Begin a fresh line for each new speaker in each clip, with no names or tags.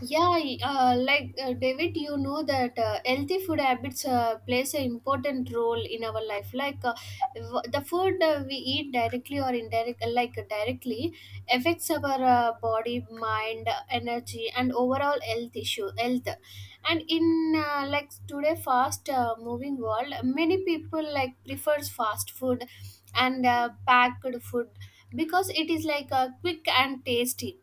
Yeah, like David, you know that healthy food habits plays an important role in our life. Like the food we eat directly or indirect, like directly, affects our body, mind, energy, and overall health. And in today, fast moving world, many people like prefers fast food and packed food because it is like quick and tasty,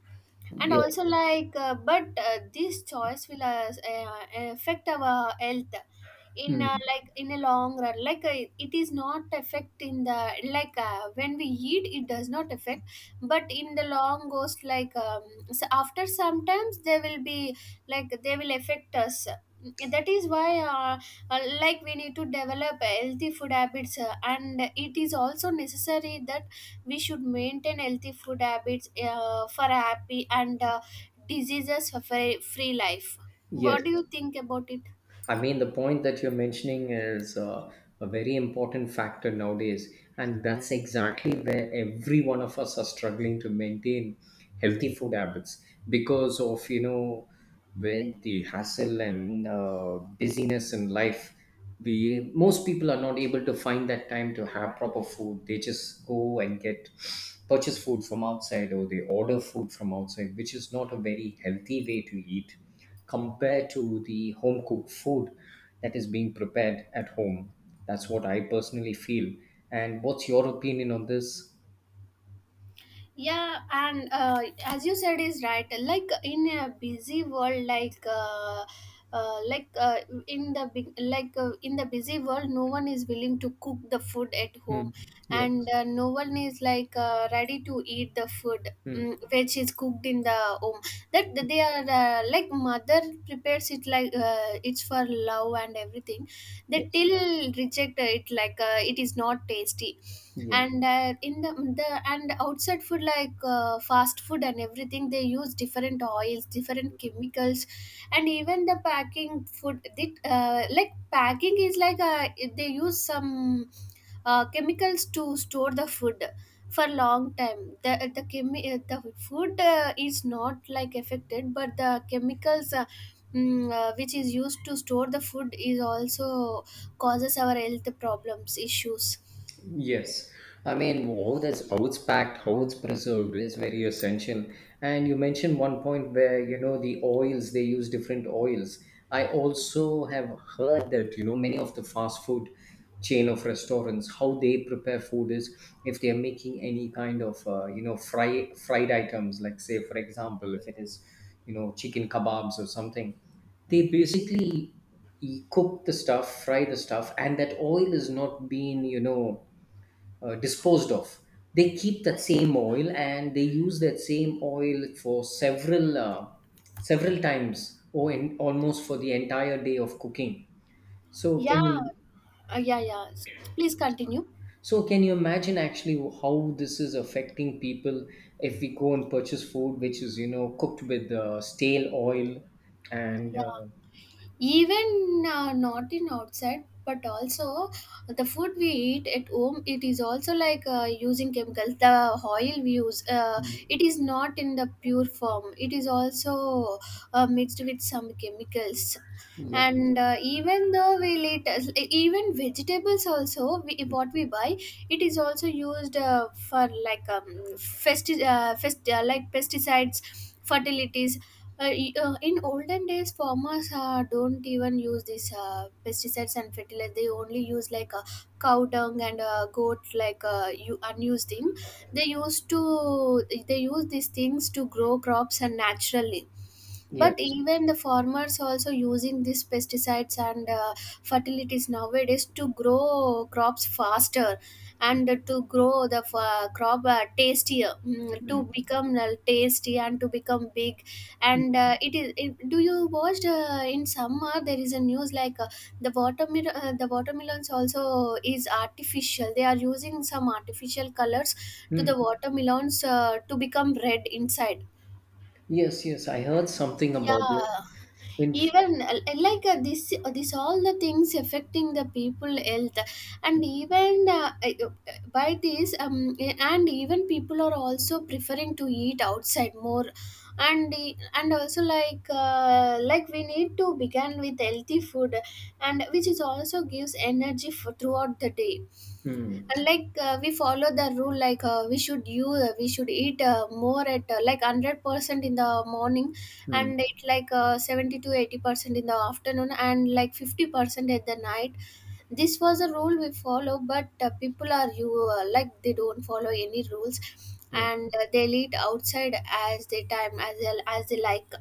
and also
Yes.
like but this choice will affect our health in
Hmm.
in a long run, like it is not affect in the, like when we eat it does not affect, but in the long goes, like so after sometimes they will be, like they will affect us. That is why like we need to develop healthy food habits, and it is also necessary that we should maintain healthy food habits for a happy and diseases free life.
Yes.
What do you think about it?
I mean, the point that you're mentioning is a very important factor nowadays. And that's exactly where every one of us are struggling to maintain healthy food habits because of, when the hassle and busyness in life, we most people are not able to find that time to have proper food. They just go and get purchase food from outside, or they order food from outside, which is not a very healthy way to eat compared to the home cooked food that is being prepared at home. That's what I personally feel. And what's your opinion on this?
Yeah, and as you said is right, like in a busy world, uh, like uh, in the big like in the busy world no one is willing to cook the food at home.
Hmm. Yes.
And no one is like ready to eat the food,
Hmm.
which is cooked in the home, that they are, like mother prepares it, like it's for love and everything. They
Yes.
till reject it, like it is not tasty.
Yeah.
And in the and outside food, like fast food and everything, they use different oils, different chemicals. And even the packing food, like packing is like, they use some chemicals to store the food for long time. The food is not like affected, but the chemicals which is used to store the food is also causes our health problems issues.
Yes, I mean, how that's how it's packed, how it's preserved is very essential. And you mentioned one point where the oils they use different oils. I also have heard that many of the fast food chain of restaurants how they prepare food is, if they are making any kind of fry fried items, like say for example if it is chicken kebabs or something, they basically cook the stuff, fry the stuff, and that oil is not being disposed of. They keep that same oil and they use that same oil for several times, or in, almost for the entire day of cooking. So
Yeah,
can you
yeah, yeah. Please continue.
so can you imagine actually how this is affecting people if we go and purchase food which is cooked with stale oil and
Yeah, even not in outside, but also the food we eat at home. It is also like using chemicals. The oil we use,
Mm.
it is not in the pure form. It is also mixed with some chemicals.
Yeah,
And even though we lit even vegetables also, what we buy, it is also used for, like like pesticides, fertilities. In olden days, farmers don't even use these pesticides and fertilizer. They only use, like cow dung and goat, like you unused thing. they used to they use these things to grow crops and naturally. But
yes.
even the farmers also using these pesticides and fertilities nowadays to grow crops faster, and to grow the crop tastier, to become tasty and to become big. And do you watch in summer there is a news, like the watermelons also is artificial? They are using some artificial colors to
Hmm.
the watermelons to become red inside.
Yes, yes, I heard something about this
Yeah,
in.
even this, all the things affecting the people health. And even by this, and even people are also preferring to eat outside more. And also, like we need to begin with healthy food, and which is also gives energy for throughout the day.
Hmm.
Like we follow the rule, like we should eat more at like 100% in the morning,
Hmm.
and it, like 70 to 80% in the afternoon, and like 50% at the night. This was a rule we follow, but people are you like they don't follow any rules,
Yeah.
and they'll eat outside as they time, as they like.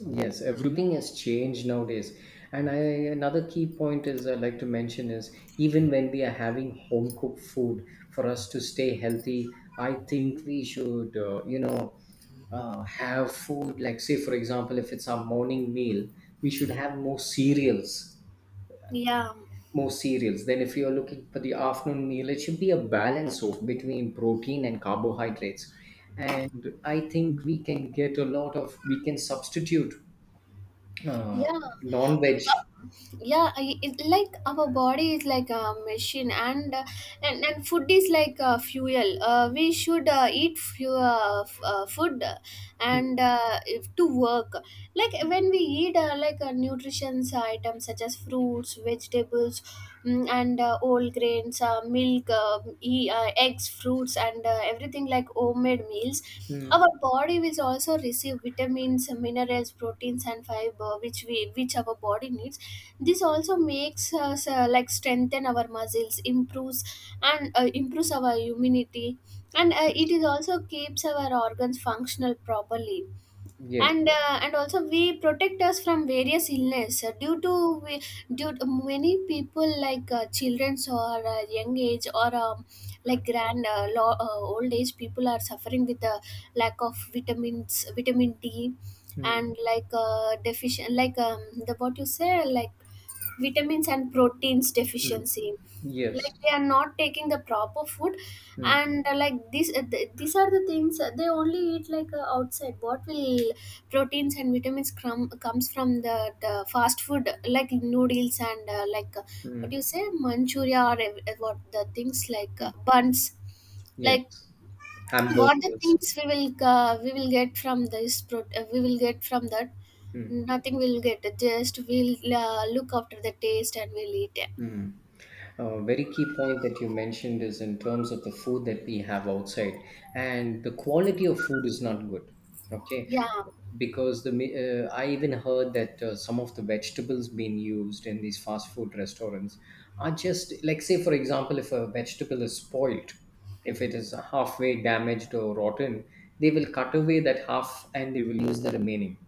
Yes, everything has changed nowadays. And I another key point is I like to mention is, even when we are having home cooked food, for us to stay healthy, I think we should have food, like say for example if it's our morning meal, we should have more cereals,
Yeah.
more cereals. Then if you're looking for the afternoon meal, it should be a balance of between protein and carbohydrates. And I think we can get a lot of we can substitute uh,
Yeah.
non-veg.
Yeah, like our body is like a machine, and and food is like fuel. We should eat food, and if to work, like when we eat like nutritions items such as fruits, vegetables, and whole grains, milk, eggs, fruits, and everything, like homemade meals,
Mm.
our body will also receive vitamins, minerals, proteins, and fiber, which our body needs. This also makes us, like, strengthen our muscles, improves our immunity, and it is also keeps our organs functional properly,
Yes.
and also we protect us from various illness due to many people, like childrens, or young age, or like old age people are suffering with the lack of vitamins, vitamin D,
Mm.
and like deficient, like the what you say, like vitamins and proteins
Mm.
deficiency.
Yes.
Like they are not taking the proper food,
Mm,
and like these are the things. They only eat, like outside. What will proteins and vitamins comes from the fast food, like noodles, and what do
mm.
you say, manchuria, or what the things, like
Mm.
buns, like
Yes.
what the
Hamburgers.
things we will get from we will get from that?
Mm.
Nothing we'll get, just we'll look after the taste and we'll eat it.
Mm. A very key point that you mentioned is in terms of the food that we have outside, and the quality of food is not good. Okay,
Yeah.
because I even heard that some of the vegetables being used in these fast food restaurants are just, like say for example, if a vegetable is spoiled, if it is halfway damaged or rotten, they will cut away that half and they will use the remaining.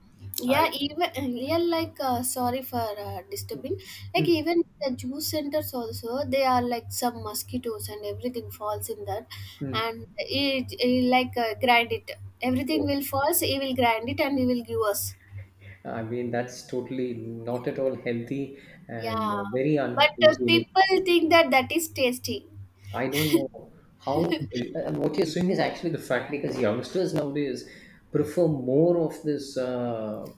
I
yeah even yeah like sorry for disturbing, like
Mm,
even the juice centers also, they are like some mosquitoes and everything falls in that,
mm.
and it like grind it. Everything will falls, he will grind it, and he will give us.
I mean, that's totally not at all healthy and
Yeah,
very
but
unhygienic.
people think that that is tasty.
I don't know how, and what you're saying is actually the fact, because youngsters nowadays prefer more of this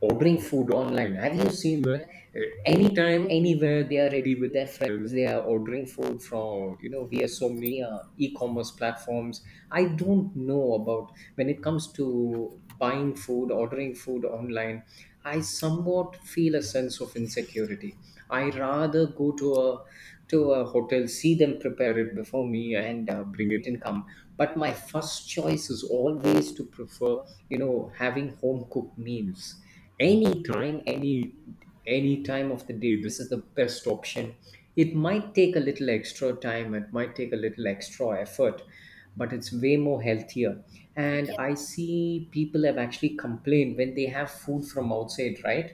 ordering food online. Have you seen that? Anytime, anywhere, they are ready with their friends. They are ordering food from via so many e-commerce platforms. I don't know about when it comes to buying food, ordering food online. I somewhat feel a sense of insecurity. I rather go to a hotel, see them prepare it before me, and bring it and come. But my first choice is always to prefer, having home cooked meals anytime, any time of the day. This is the best option. It might take a little extra time. It might take a little extra effort, but it's way more healthier. And
Yeah.
I see people have actually complained when they have food from outside, right?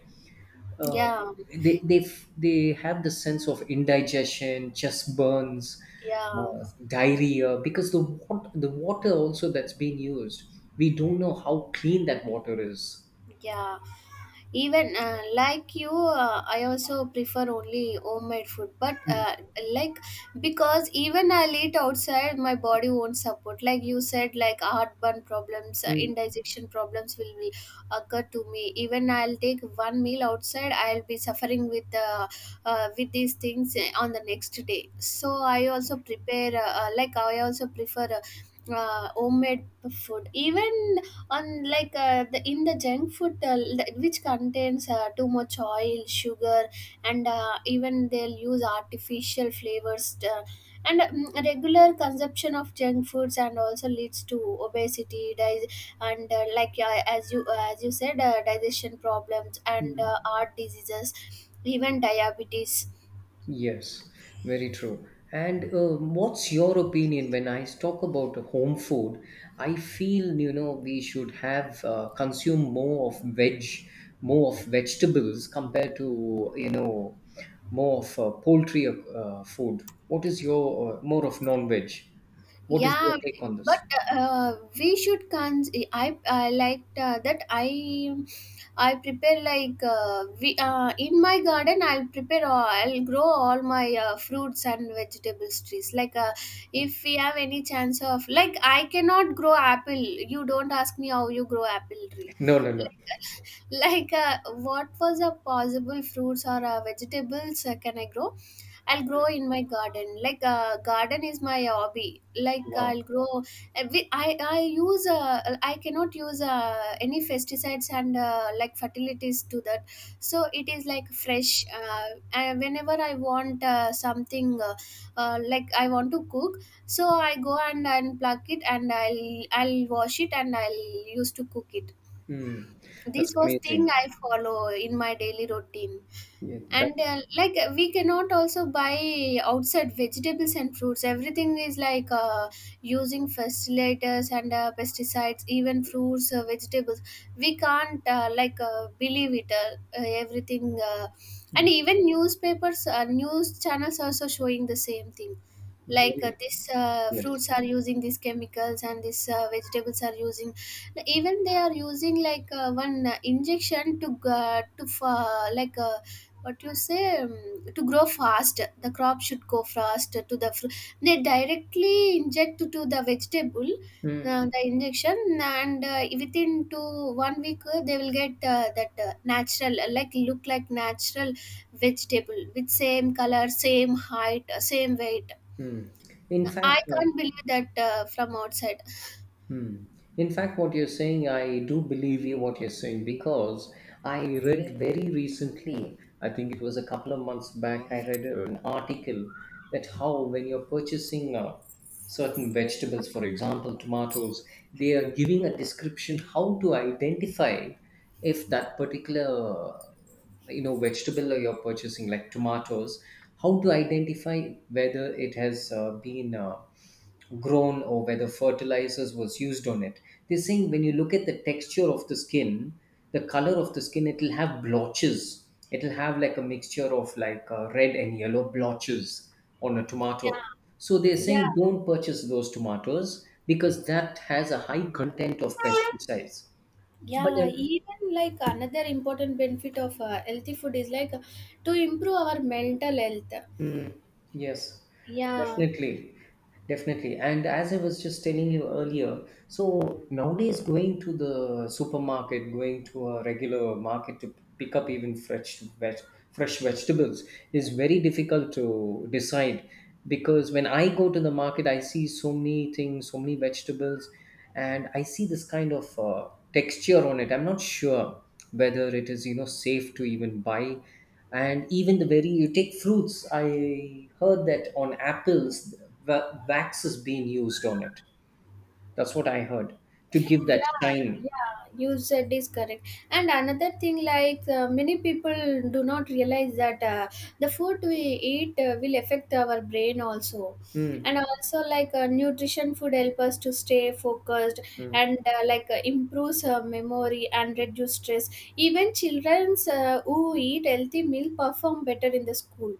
uh,
Yeah,
they have the sense of indigestion, chest burns,
yeah,
diarrhea, because the water also that's being used, we don't know how clean that water is.
yeah. Even like you, I also prefer only homemade food. But like because even I'll eat outside, my body won't support. Like you said, like heartburn problems,
Mm.
indigestion problems will be occur to me. Even I'll take one meal outside, I'll be suffering with these things on the next day. So I also prepare like I also prefer, homemade food, even. And like in the junk food, which contains too much oil, sugar, and even they'll use artificial flavors, and regular consumption of junk foods and also leads to obesity, di- and like as you said, digestion problems, and heart diseases, even diabetes.
Yes, very true. And what's your opinion when I talk about home food? I feel we should have consume more of veg, more of vegetables, compared to more of poultry food. What is your more of non-veg? What is your
Yeah,
take on
but
this?
we should cons. I liked that. I prepare, like we in my garden, I'll prepare. I'll grow all my fruits and vegetables trees. Like if we have any chance of, like, I cannot grow apple. You don't ask me how you grow apple tree.
No, no, no.
Like, like what was a possible fruits or vegetables can I grow? I'll grow in my garden. Like garden is my hobby. Like
Wow.
I'll grow. I cannot use any pesticides and like fertilities to that. So it is like fresh. Whenever I want something, I want to cook, so I go and pluck it, and I'll wash it, and I'll use to cook it.
Mm, that's
This was thing
amazing.
I follow in my daily routine.
Yeah, that's
And like we cannot also buy outside vegetables and fruits. Everything is like using fertilizers and pesticides, even fruits, vegetables, we can't believe it, everything
mm,
and even newspapers, news channels also showing the same thing, like
very
this
yes.
fruits are using these chemicals, and these vegetables are using. Even they are using, like one injection, to like what you say, to grow fast, the crop should go fast to the they directly inject to the vegetable
Mm,
the injection, and within to 1 week they will get that natural, like look like natural vegetable, with same color, same height, same weight.
mm. In fact,
I can't believe that from outside.
Hmm. In fact, what you're saying, I do believe you what you're saying, because I read very recently, I think it was a couple of months back, I read an article that how, when you're purchasing certain vegetables, for example, tomatoes, they are giving a description how to identify if that particular vegetable you're purchasing, like tomatoes, how to identify whether it has been grown, or whether fertilizers was used on it. They're saying when you look at the texture of the skin, the color of the skin, it'll have blotches, it'll have like a mixture of like red and yellow blotches on a tomato.
Yeah.
So they're
Yeah.
saying, don't purchase those tomatoes because that has a high content of pesticides. But
Yeah Even, like, another important benefit of healthy food is, like, to improve our mental health.
Mm, yes,
Yeah,
definitely. Definitely. And as I was just telling you earlier, so nowadays, going to the supermarket, going to a regular market to pick up even fresh vegetables, is very difficult to decide. Because when I go to the market, I see so many things, so many vegetables, and I see this kind of texture on it. I'm not sure whether it is safe to even buy. And even the very you take fruits, I heard that on apples, wax is being used on it. That's what I heard, to give that
yeah,
shine.
yeah, you said is correct. And another thing, like many people do not realize that the food we eat will affect our brain also. And
Mm.
also, like nutrition food help us to stay focused,
Mm.
and improves memory and reduce stress. Even children who eat healthy meal perform better in the school.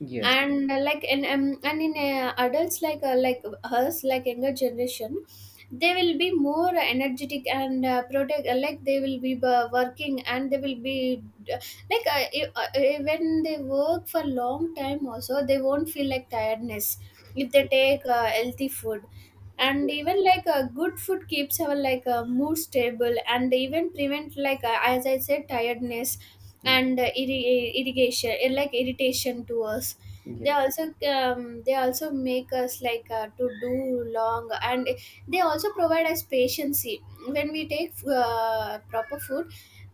Yes,
And in adults like us, like younger generation, they will be more energetic and protect they will be working, and they will be uh, when they work for long time also, they won't feel like tiredness if they take healthy food. And
yes.
even good food keeps our mood stable and even prevent, as I said, tiredness
Mm.
and irri- irrigation like irritation to us. They
Yes.
also make us to do long, and they also provide us patience. When we take proper food,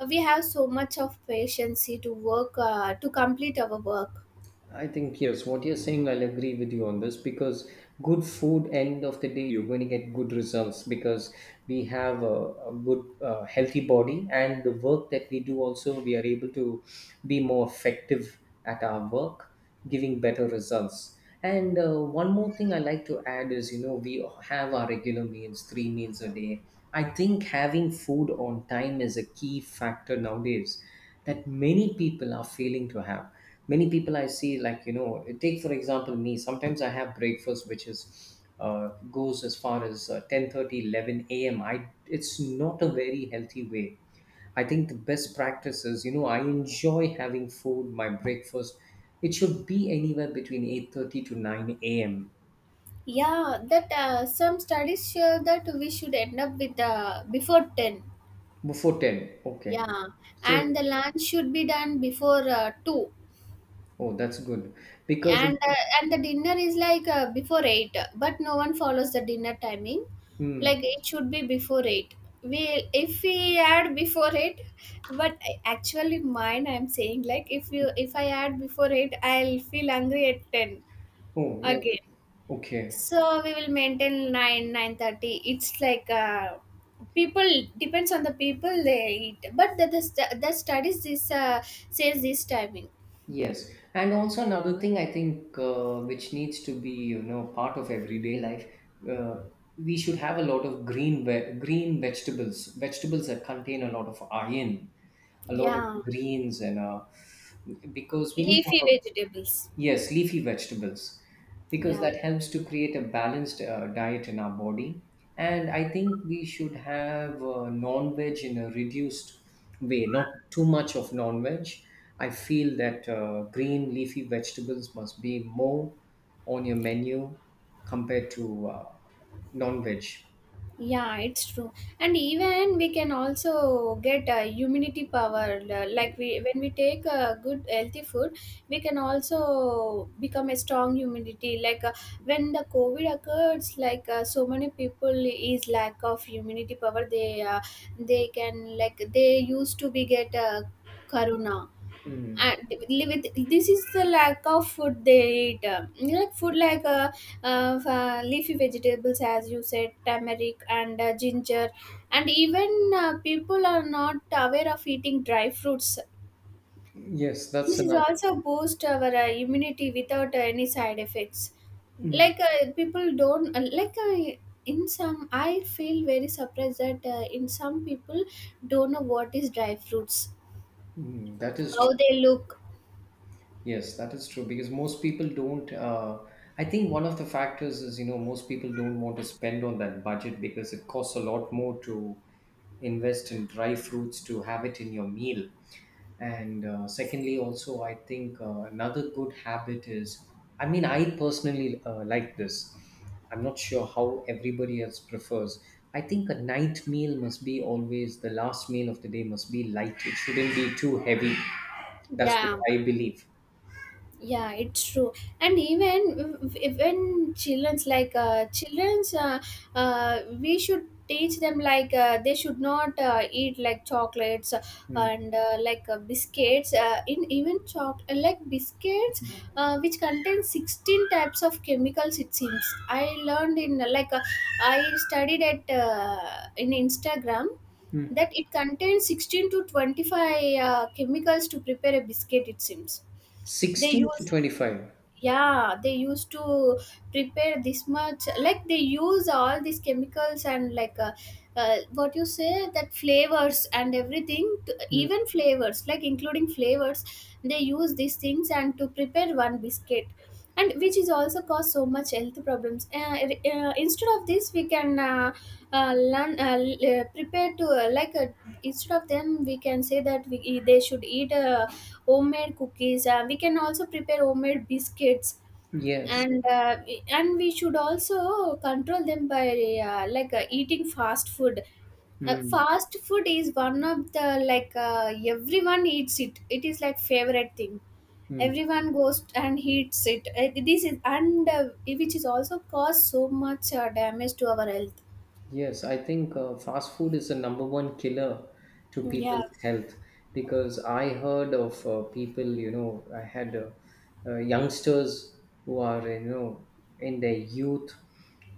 we have so much of patience to work to complete our work.
I think yes, what you're saying, I'll agree with you on this, because good food, end of the day, you're going to get good results, because we have a good, healthy body, and the work that we do also, we are able to be more effective at our work, giving better results. And one more thing I like to add is, we have our regular meals, three meals a day. I think having food on time is a key factor nowadays that many people are failing to have. Many people I see, like take for example me, sometimes I have breakfast which is goes as far as 10:30, 11 a.m. I It's not a very healthy way. I think the best practice is, I enjoy having food, my breakfast, it should be anywhere between 8:30 to 9 a.m.,
Yeah, that some studies show that we should end up with before 10.
before 10. Okay.
Yeah.
So,
And the lunch should be done before 2.
oh, that's good. Because,
And the dinner is before 8, but no one follows the dinner timing.
hmm.
Like, it should be before 8. We If we add before 8, but actually mine, I'm saying like if you if I add before 8, I'll feel hungry at 10
Oh, yeah,
again.
okay.
So we will maintain 9, 9:30. It's like People, depends on the people, they eat. But the studies, this says this timing.
Yes, and also another thing I think, which needs to be part of everyday life. Uh, we should have a lot of green vegetables, vegetables that contain a lot of iron, a lot of
Yeah.
greens, and because we need to
Leafy
have a
vegetables.
Yes, leafy vegetables, because
Yeah.
that helps to create a balanced diet in our body. And I think we should have non veg in a reduced way, not too much of non veg. I feel that green leafy vegetables must be more on your menu compared to non veg.
Yeah, it's true. And even we can also get immunity power. Like we, when we take good healthy food, we can also become a strong immunity. When the COVID occurs, so many people is lack of immunity power. They can, like they used to be get corona,
Mm.
and with this is the lack of food they eat. Like food like leafy vegetables, as you said, turmeric and ginger. And even people are not aware of eating dry fruits.
Yes, that's
This is
another.
also boost our immunity without any side effects.
Mm,
Like people don't like in Some, I feel very surprised that in some people don't know what is dry fruits,
mm, that is
how
true.
they look.
Yes, that is true because most people don't. I think one of the factors is, most people don't want to spend on that budget because it costs a lot more to invest in dry fruits to have it in your meal. And secondly, also, I think another good habit is, I mean, I personally like this. I'm not sure how everybody else prefers. I think a night meal must be, always the last meal of the day must be light, it shouldn't be too heavy. That's what
Yeah.
I believe.
Yeah, it's true. And even, even children's like children's we should teach them they should not eat like chocolates
Hmm.
and biscuits, in even choc like biscuits which contain 16 types of chemicals, it seems. I learned in like I studied at in instagram that
Mm.
it contains 16 to 25 chemicals to prepare a biscuit, it seems they
16 to
use.
25.
Yeah, they used to prepare this much. Like, they use all these chemicals and what you say, that flavors and everything, to,
Mm.
even flavors like including flavors. They use these things and to prepare one biscuit, and which is also cause so much health problems. Instead of this, we can learn, l- prepare to like instead of them, we can say that they should eat homemade cookies. We can also prepare homemade biscuits.
Yes.
And we should also control them by eating fast food.
Mm.
Fast food is one of the, everyone eats it, it is like favorite thing.
Mm.
Everyone goes and eats it. This is and Which is also cause so much damage to our health.
Yes, I think fast food is the number one killer to
Yeah.
people's health, because I heard of people, I had youngsters who are, in their youth,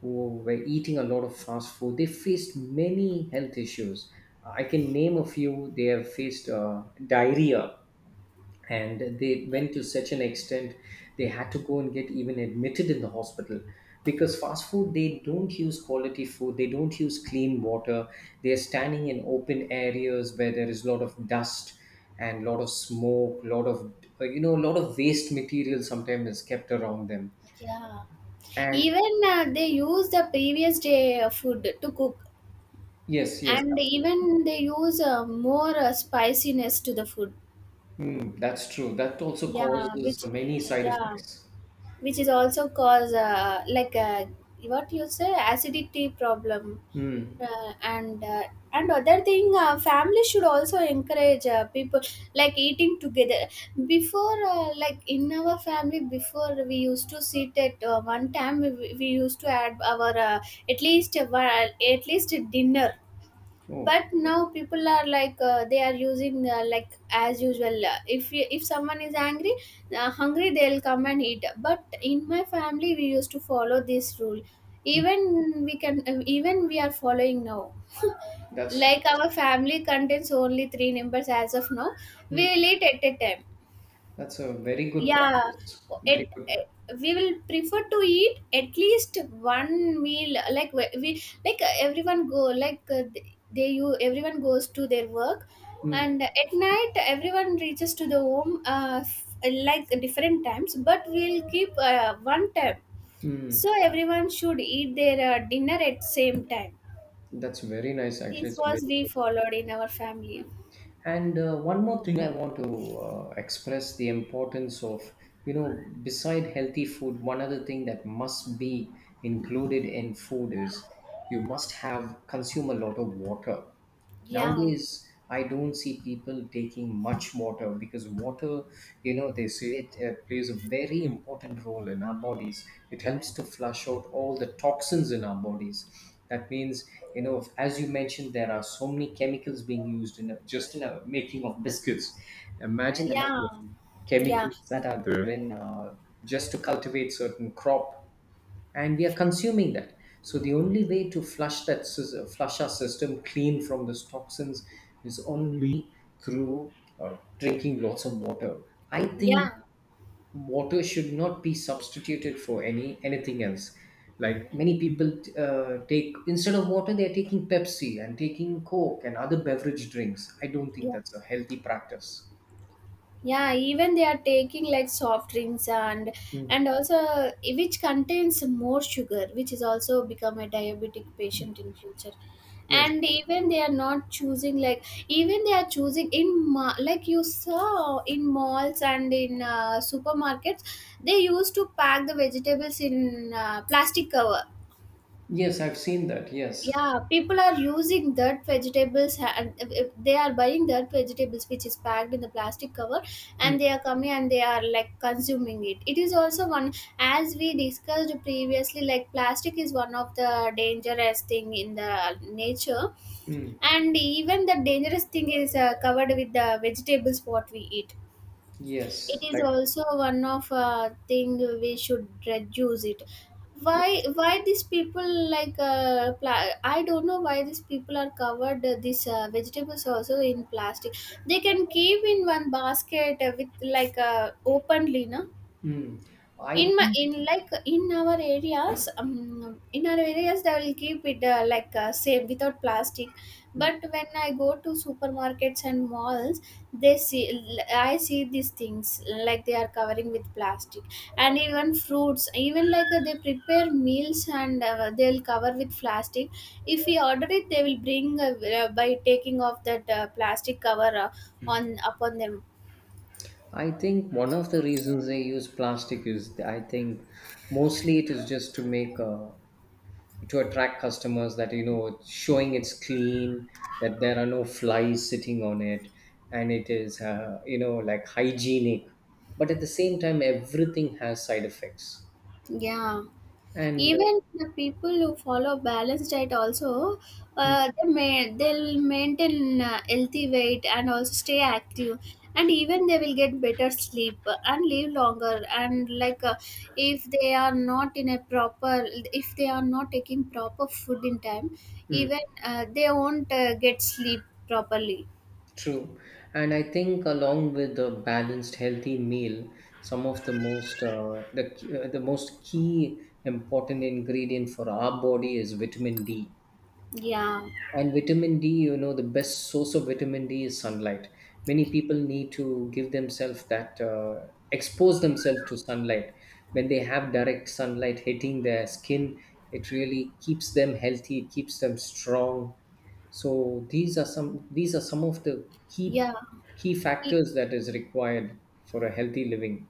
who were eating a lot of fast food. They faced many health issues. I can name a few. They have faced diarrhea, and they went to such an extent they had to go and get even admitted in the hospital, because fast food, they don't use quality food, they don't use clean water, they're standing in open areas where there is a lot of dust and a lot of smoke, a lot of a lot of waste material sometimes is kept around them.
Yeah,
And
even they use the previous day food to cook,
yes, yes,
and
absolutely.
even they use more spiciness to the food.
Mm, that's true, that also
Yeah,
causes many side
yeah,
effects.
which is also cause what you say, acidity problem.
Mm.
Uh, and uh, and other thing, family should also encourage people, like eating together. Before, in our family before, we used to sit at one time. We used to add our, at least dinner.
Oh.
But now people are they are using as usual. If someone is angry, hungry, they'll come and eat. But in my family, we used to follow this rule.
Mm,
Even we can, even we are following now.
that's
Like, our family contains only three members as of now.
hmm.
We will eat at a time.
That's a very good
Yeah.
practice. Very
it,
good.
it we will prefer to eat at least one meal. Everyone go, like they you everyone goes to their work,
Mm,
and at night everyone reaches to the home like different times. But we'll keep one time,
mm.
so everyone should eat their dinner at same time.
That's very nice, actually.
This
It's a very
was
good.
we followed in our family.
And one more thing I want to express the importance of, beside healthy food, one other thing that must be included in food is you must have consume a lot of water.
Yeah.
Nowadays, I don't see people taking much water because water, they say it plays a very important role in our bodies. It helps to flush out all the toxins in our bodies. That means, as you mentioned, there are so many chemicals being used in just in a making of biscuits. Imagine the number
Yeah.
of
Yeah.
chemicals that are there in just to cultivate certain crop and we are consuming that. So the only way to flush flush our system clean from those toxins is only through drinking lots of water. I think
Yeah.
water should not be substituted for anything else. Like many people take instead of water, they are taking Pepsi and taking Coke and other beverage drinks. I don't think
Yeah.
that's a healthy practice.
Yeah, even they are taking like soft drinks, and
Mm.
also which contains more sugar, which is also become a diabetic patient in future.
Yes,
And even they are not choosing, like even they are choosing in like you saw in malls and in supermarkets, they used to pack the vegetables in plastic cover.
yes, I've seen that. Yes,
Yeah, people are using that vegetables. Ha- and if- If they are buying that vegetables which is packed in the plastic cover,
mm,
and they are coming and they are like consuming it. It is also one, as we discussed previously, like plastic is one of the dangerous thing in the nature.
mm,
And even the dangerous thing is covered with the vegetables what we eat. It
yes,
is
like
also one of thing we should reduce it.
yes.
Why these people I don't know why these people are covered these vegetables also in plastic. They can keep in one basket with like openly, no.
Mm. I
In our areas, in our areas they will keep it safe without plastic.
hmm.
But when I go to supermarkets and malls, they see I see these things, like they are covering with plastic. And even fruits, even they prepare meals, and they'll cover with plastic. If we order it, they will bring by taking off that plastic cover on upon them.
I think one of the reasons they use plastic is, I think mostly it is just to make to attract customers that, you know, it's showing it's clean, that there are no flies sitting on it, and it is you know, like, hygienic, but at the same time everything has side effects.
Yeah.
And
Even the people who follow balanced diet also,
mm,
they'll maintain healthy weight and also stay active, and even they will get better sleep and live longer. And if they are not in a proper, if they are not taking proper food in time,
mm.
even they won't get sleep properly.
True. And I think along with a balanced, healthy meal, some of the most key important ingredient for our body is vitamin D.
Yeah,
And vitamin D, you know, the best source of vitamin D is sunlight. Many people need to give themselves that, expose themselves to sunlight. When they have direct sunlight hitting their skin, it really keeps them healthy. It keeps them strong. So these are some, these are some of the key
yeah.
key
E,
factors that is required for a healthy living.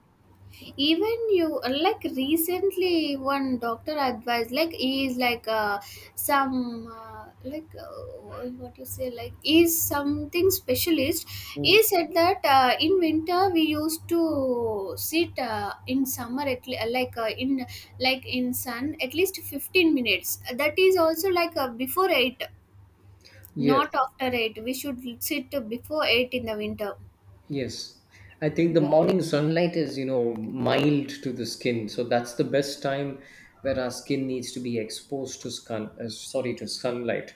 even you, like recently one doctor advised. Like he is like some like What you say, like he is something specialist.
Mm.
He said that in winter we used to sit in summer at le- like in like in sun at least 15 minutes. That is also before 8,
Yes,
not after 8. We should sit before 8 in the winter.
yes, I think the morning sunlight is, you know, mild to the skin, so that's the best time where our skin needs to be exposed to sun sorry to sunlight.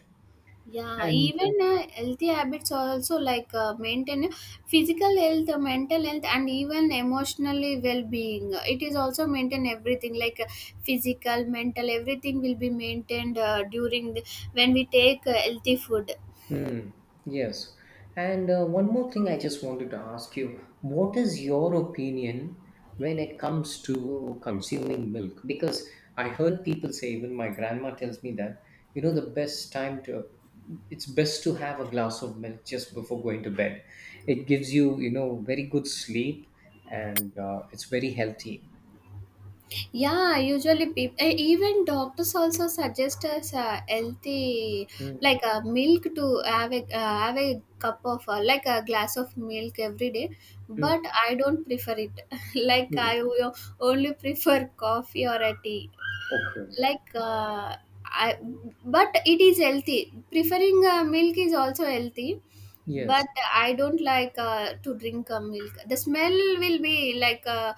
Yeah,
And
even healthy habits are also maintain physical health, mental health, and even emotionally well-being. It is also maintain everything, physical, mental, everything will be maintained during the, when we take healthy food.
Hmm. Yes. And one more thing I just wanted to ask you. What is your opinion when it comes to consuming milk? Because I heard people say, even my grandma tells me that, you know, the best time to, it's best to have a glass of milk just before going to bed. It gives you, you know, very good sleep, and it's very healthy.
Yeah, usually people, even doctors also suggest us healthy,
Mm.
milk to have a cup of, like a glass of milk every day.
Mm.
But I don't prefer it. Like,
Mm.
I will only prefer coffee or a tea.
Okay.
like uh, I, but it is healthy. Preferring milk is also healthy,
Yes.
but I don't like to drink milk. The smell will be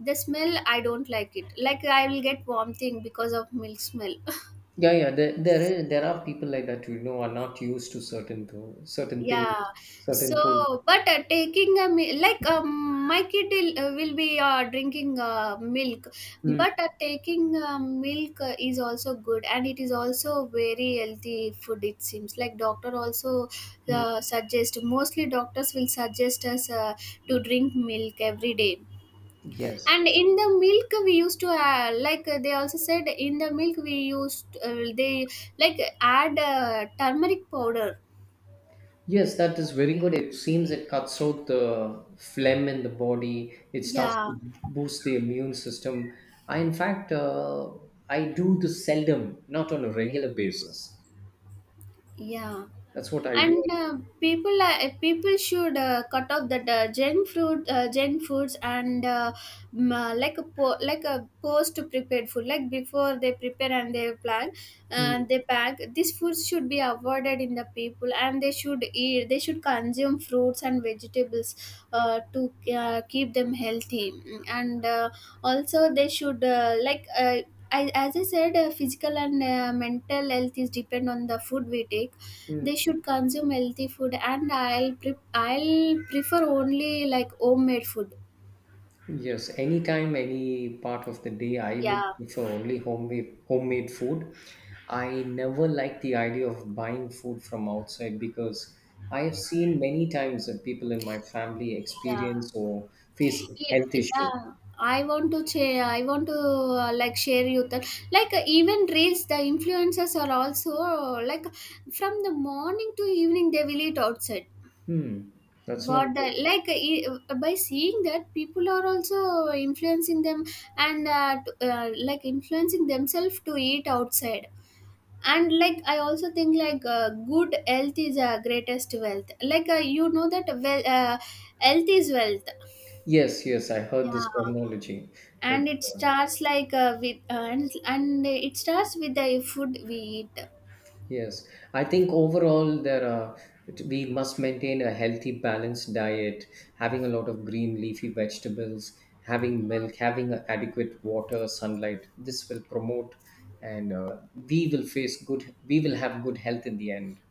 the smell, I don't like it. Like, I will get vomiting because of milk smell.
Yeah, yeah. There are people like that who, you know, are not used to certain things,
Yeah. So,
certain foods.
but taking a mi- like my kid will be drinking milk.
Mm,
But taking milk is also good, and it is also very healthy food. It seems like doctor also
mm.
suggest, mostly doctors will suggest us to drink milk every day.
Yes,
And in the milk we used to they also said in the milk we used they like add turmeric powder.
yes, that is very good. It seems it cuts out the phlegm in the body. It starts
Yeah.
to boost the immune system. I, in fact, I do this seldom, not on a regular basis.
Yeah.
That's what I do.
and People, people should cut off that gen foods, and a post prepared food, like before they prepare and they plan
Mm,
and they pack. These foods should be avoided in the people, and they should eat, they should consume fruits and vegetables to keep them healthy. Mm. And also they should I, as I said, physical and mental health is depend on the food we take. They
mm.
should consume healthy food, and I'll prefer only like homemade food.
Yes, anytime, any part of the day, I would
Yeah,
prefer only homemade food. I never like the idea of buying food from outside because I have seen many times that people in my family
yeah.
experience or face health issues.
Yeah. I want to share. I want to like share you that even reels, the influencers are also from the morning to evening they will eat outside.
Hmm, that's not
What the
good.
like e- By seeing that, people are also influencing them, and influencing themselves to eat outside. And I also think good health is greatest wealth. You know that well, health is wealth.
Yes, yes, I heard this
Yeah.
terminology. It's
And it
uh,
starts like with and it starts with the food we eat.
Yes, I think overall there are we must maintain a healthy, balanced diet, having a lot of green leafy vegetables, having milk, having adequate water, sunlight. This will promote, and we will face good. We will have good health in the end.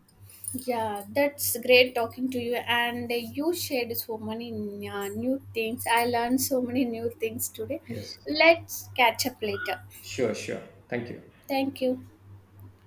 Yeah, that's great talking to you, and you shared so many new things. I learned so many new things today.
Yes, yes.
Let's catch up later.
Sure, sure. Thank you.
Thank you.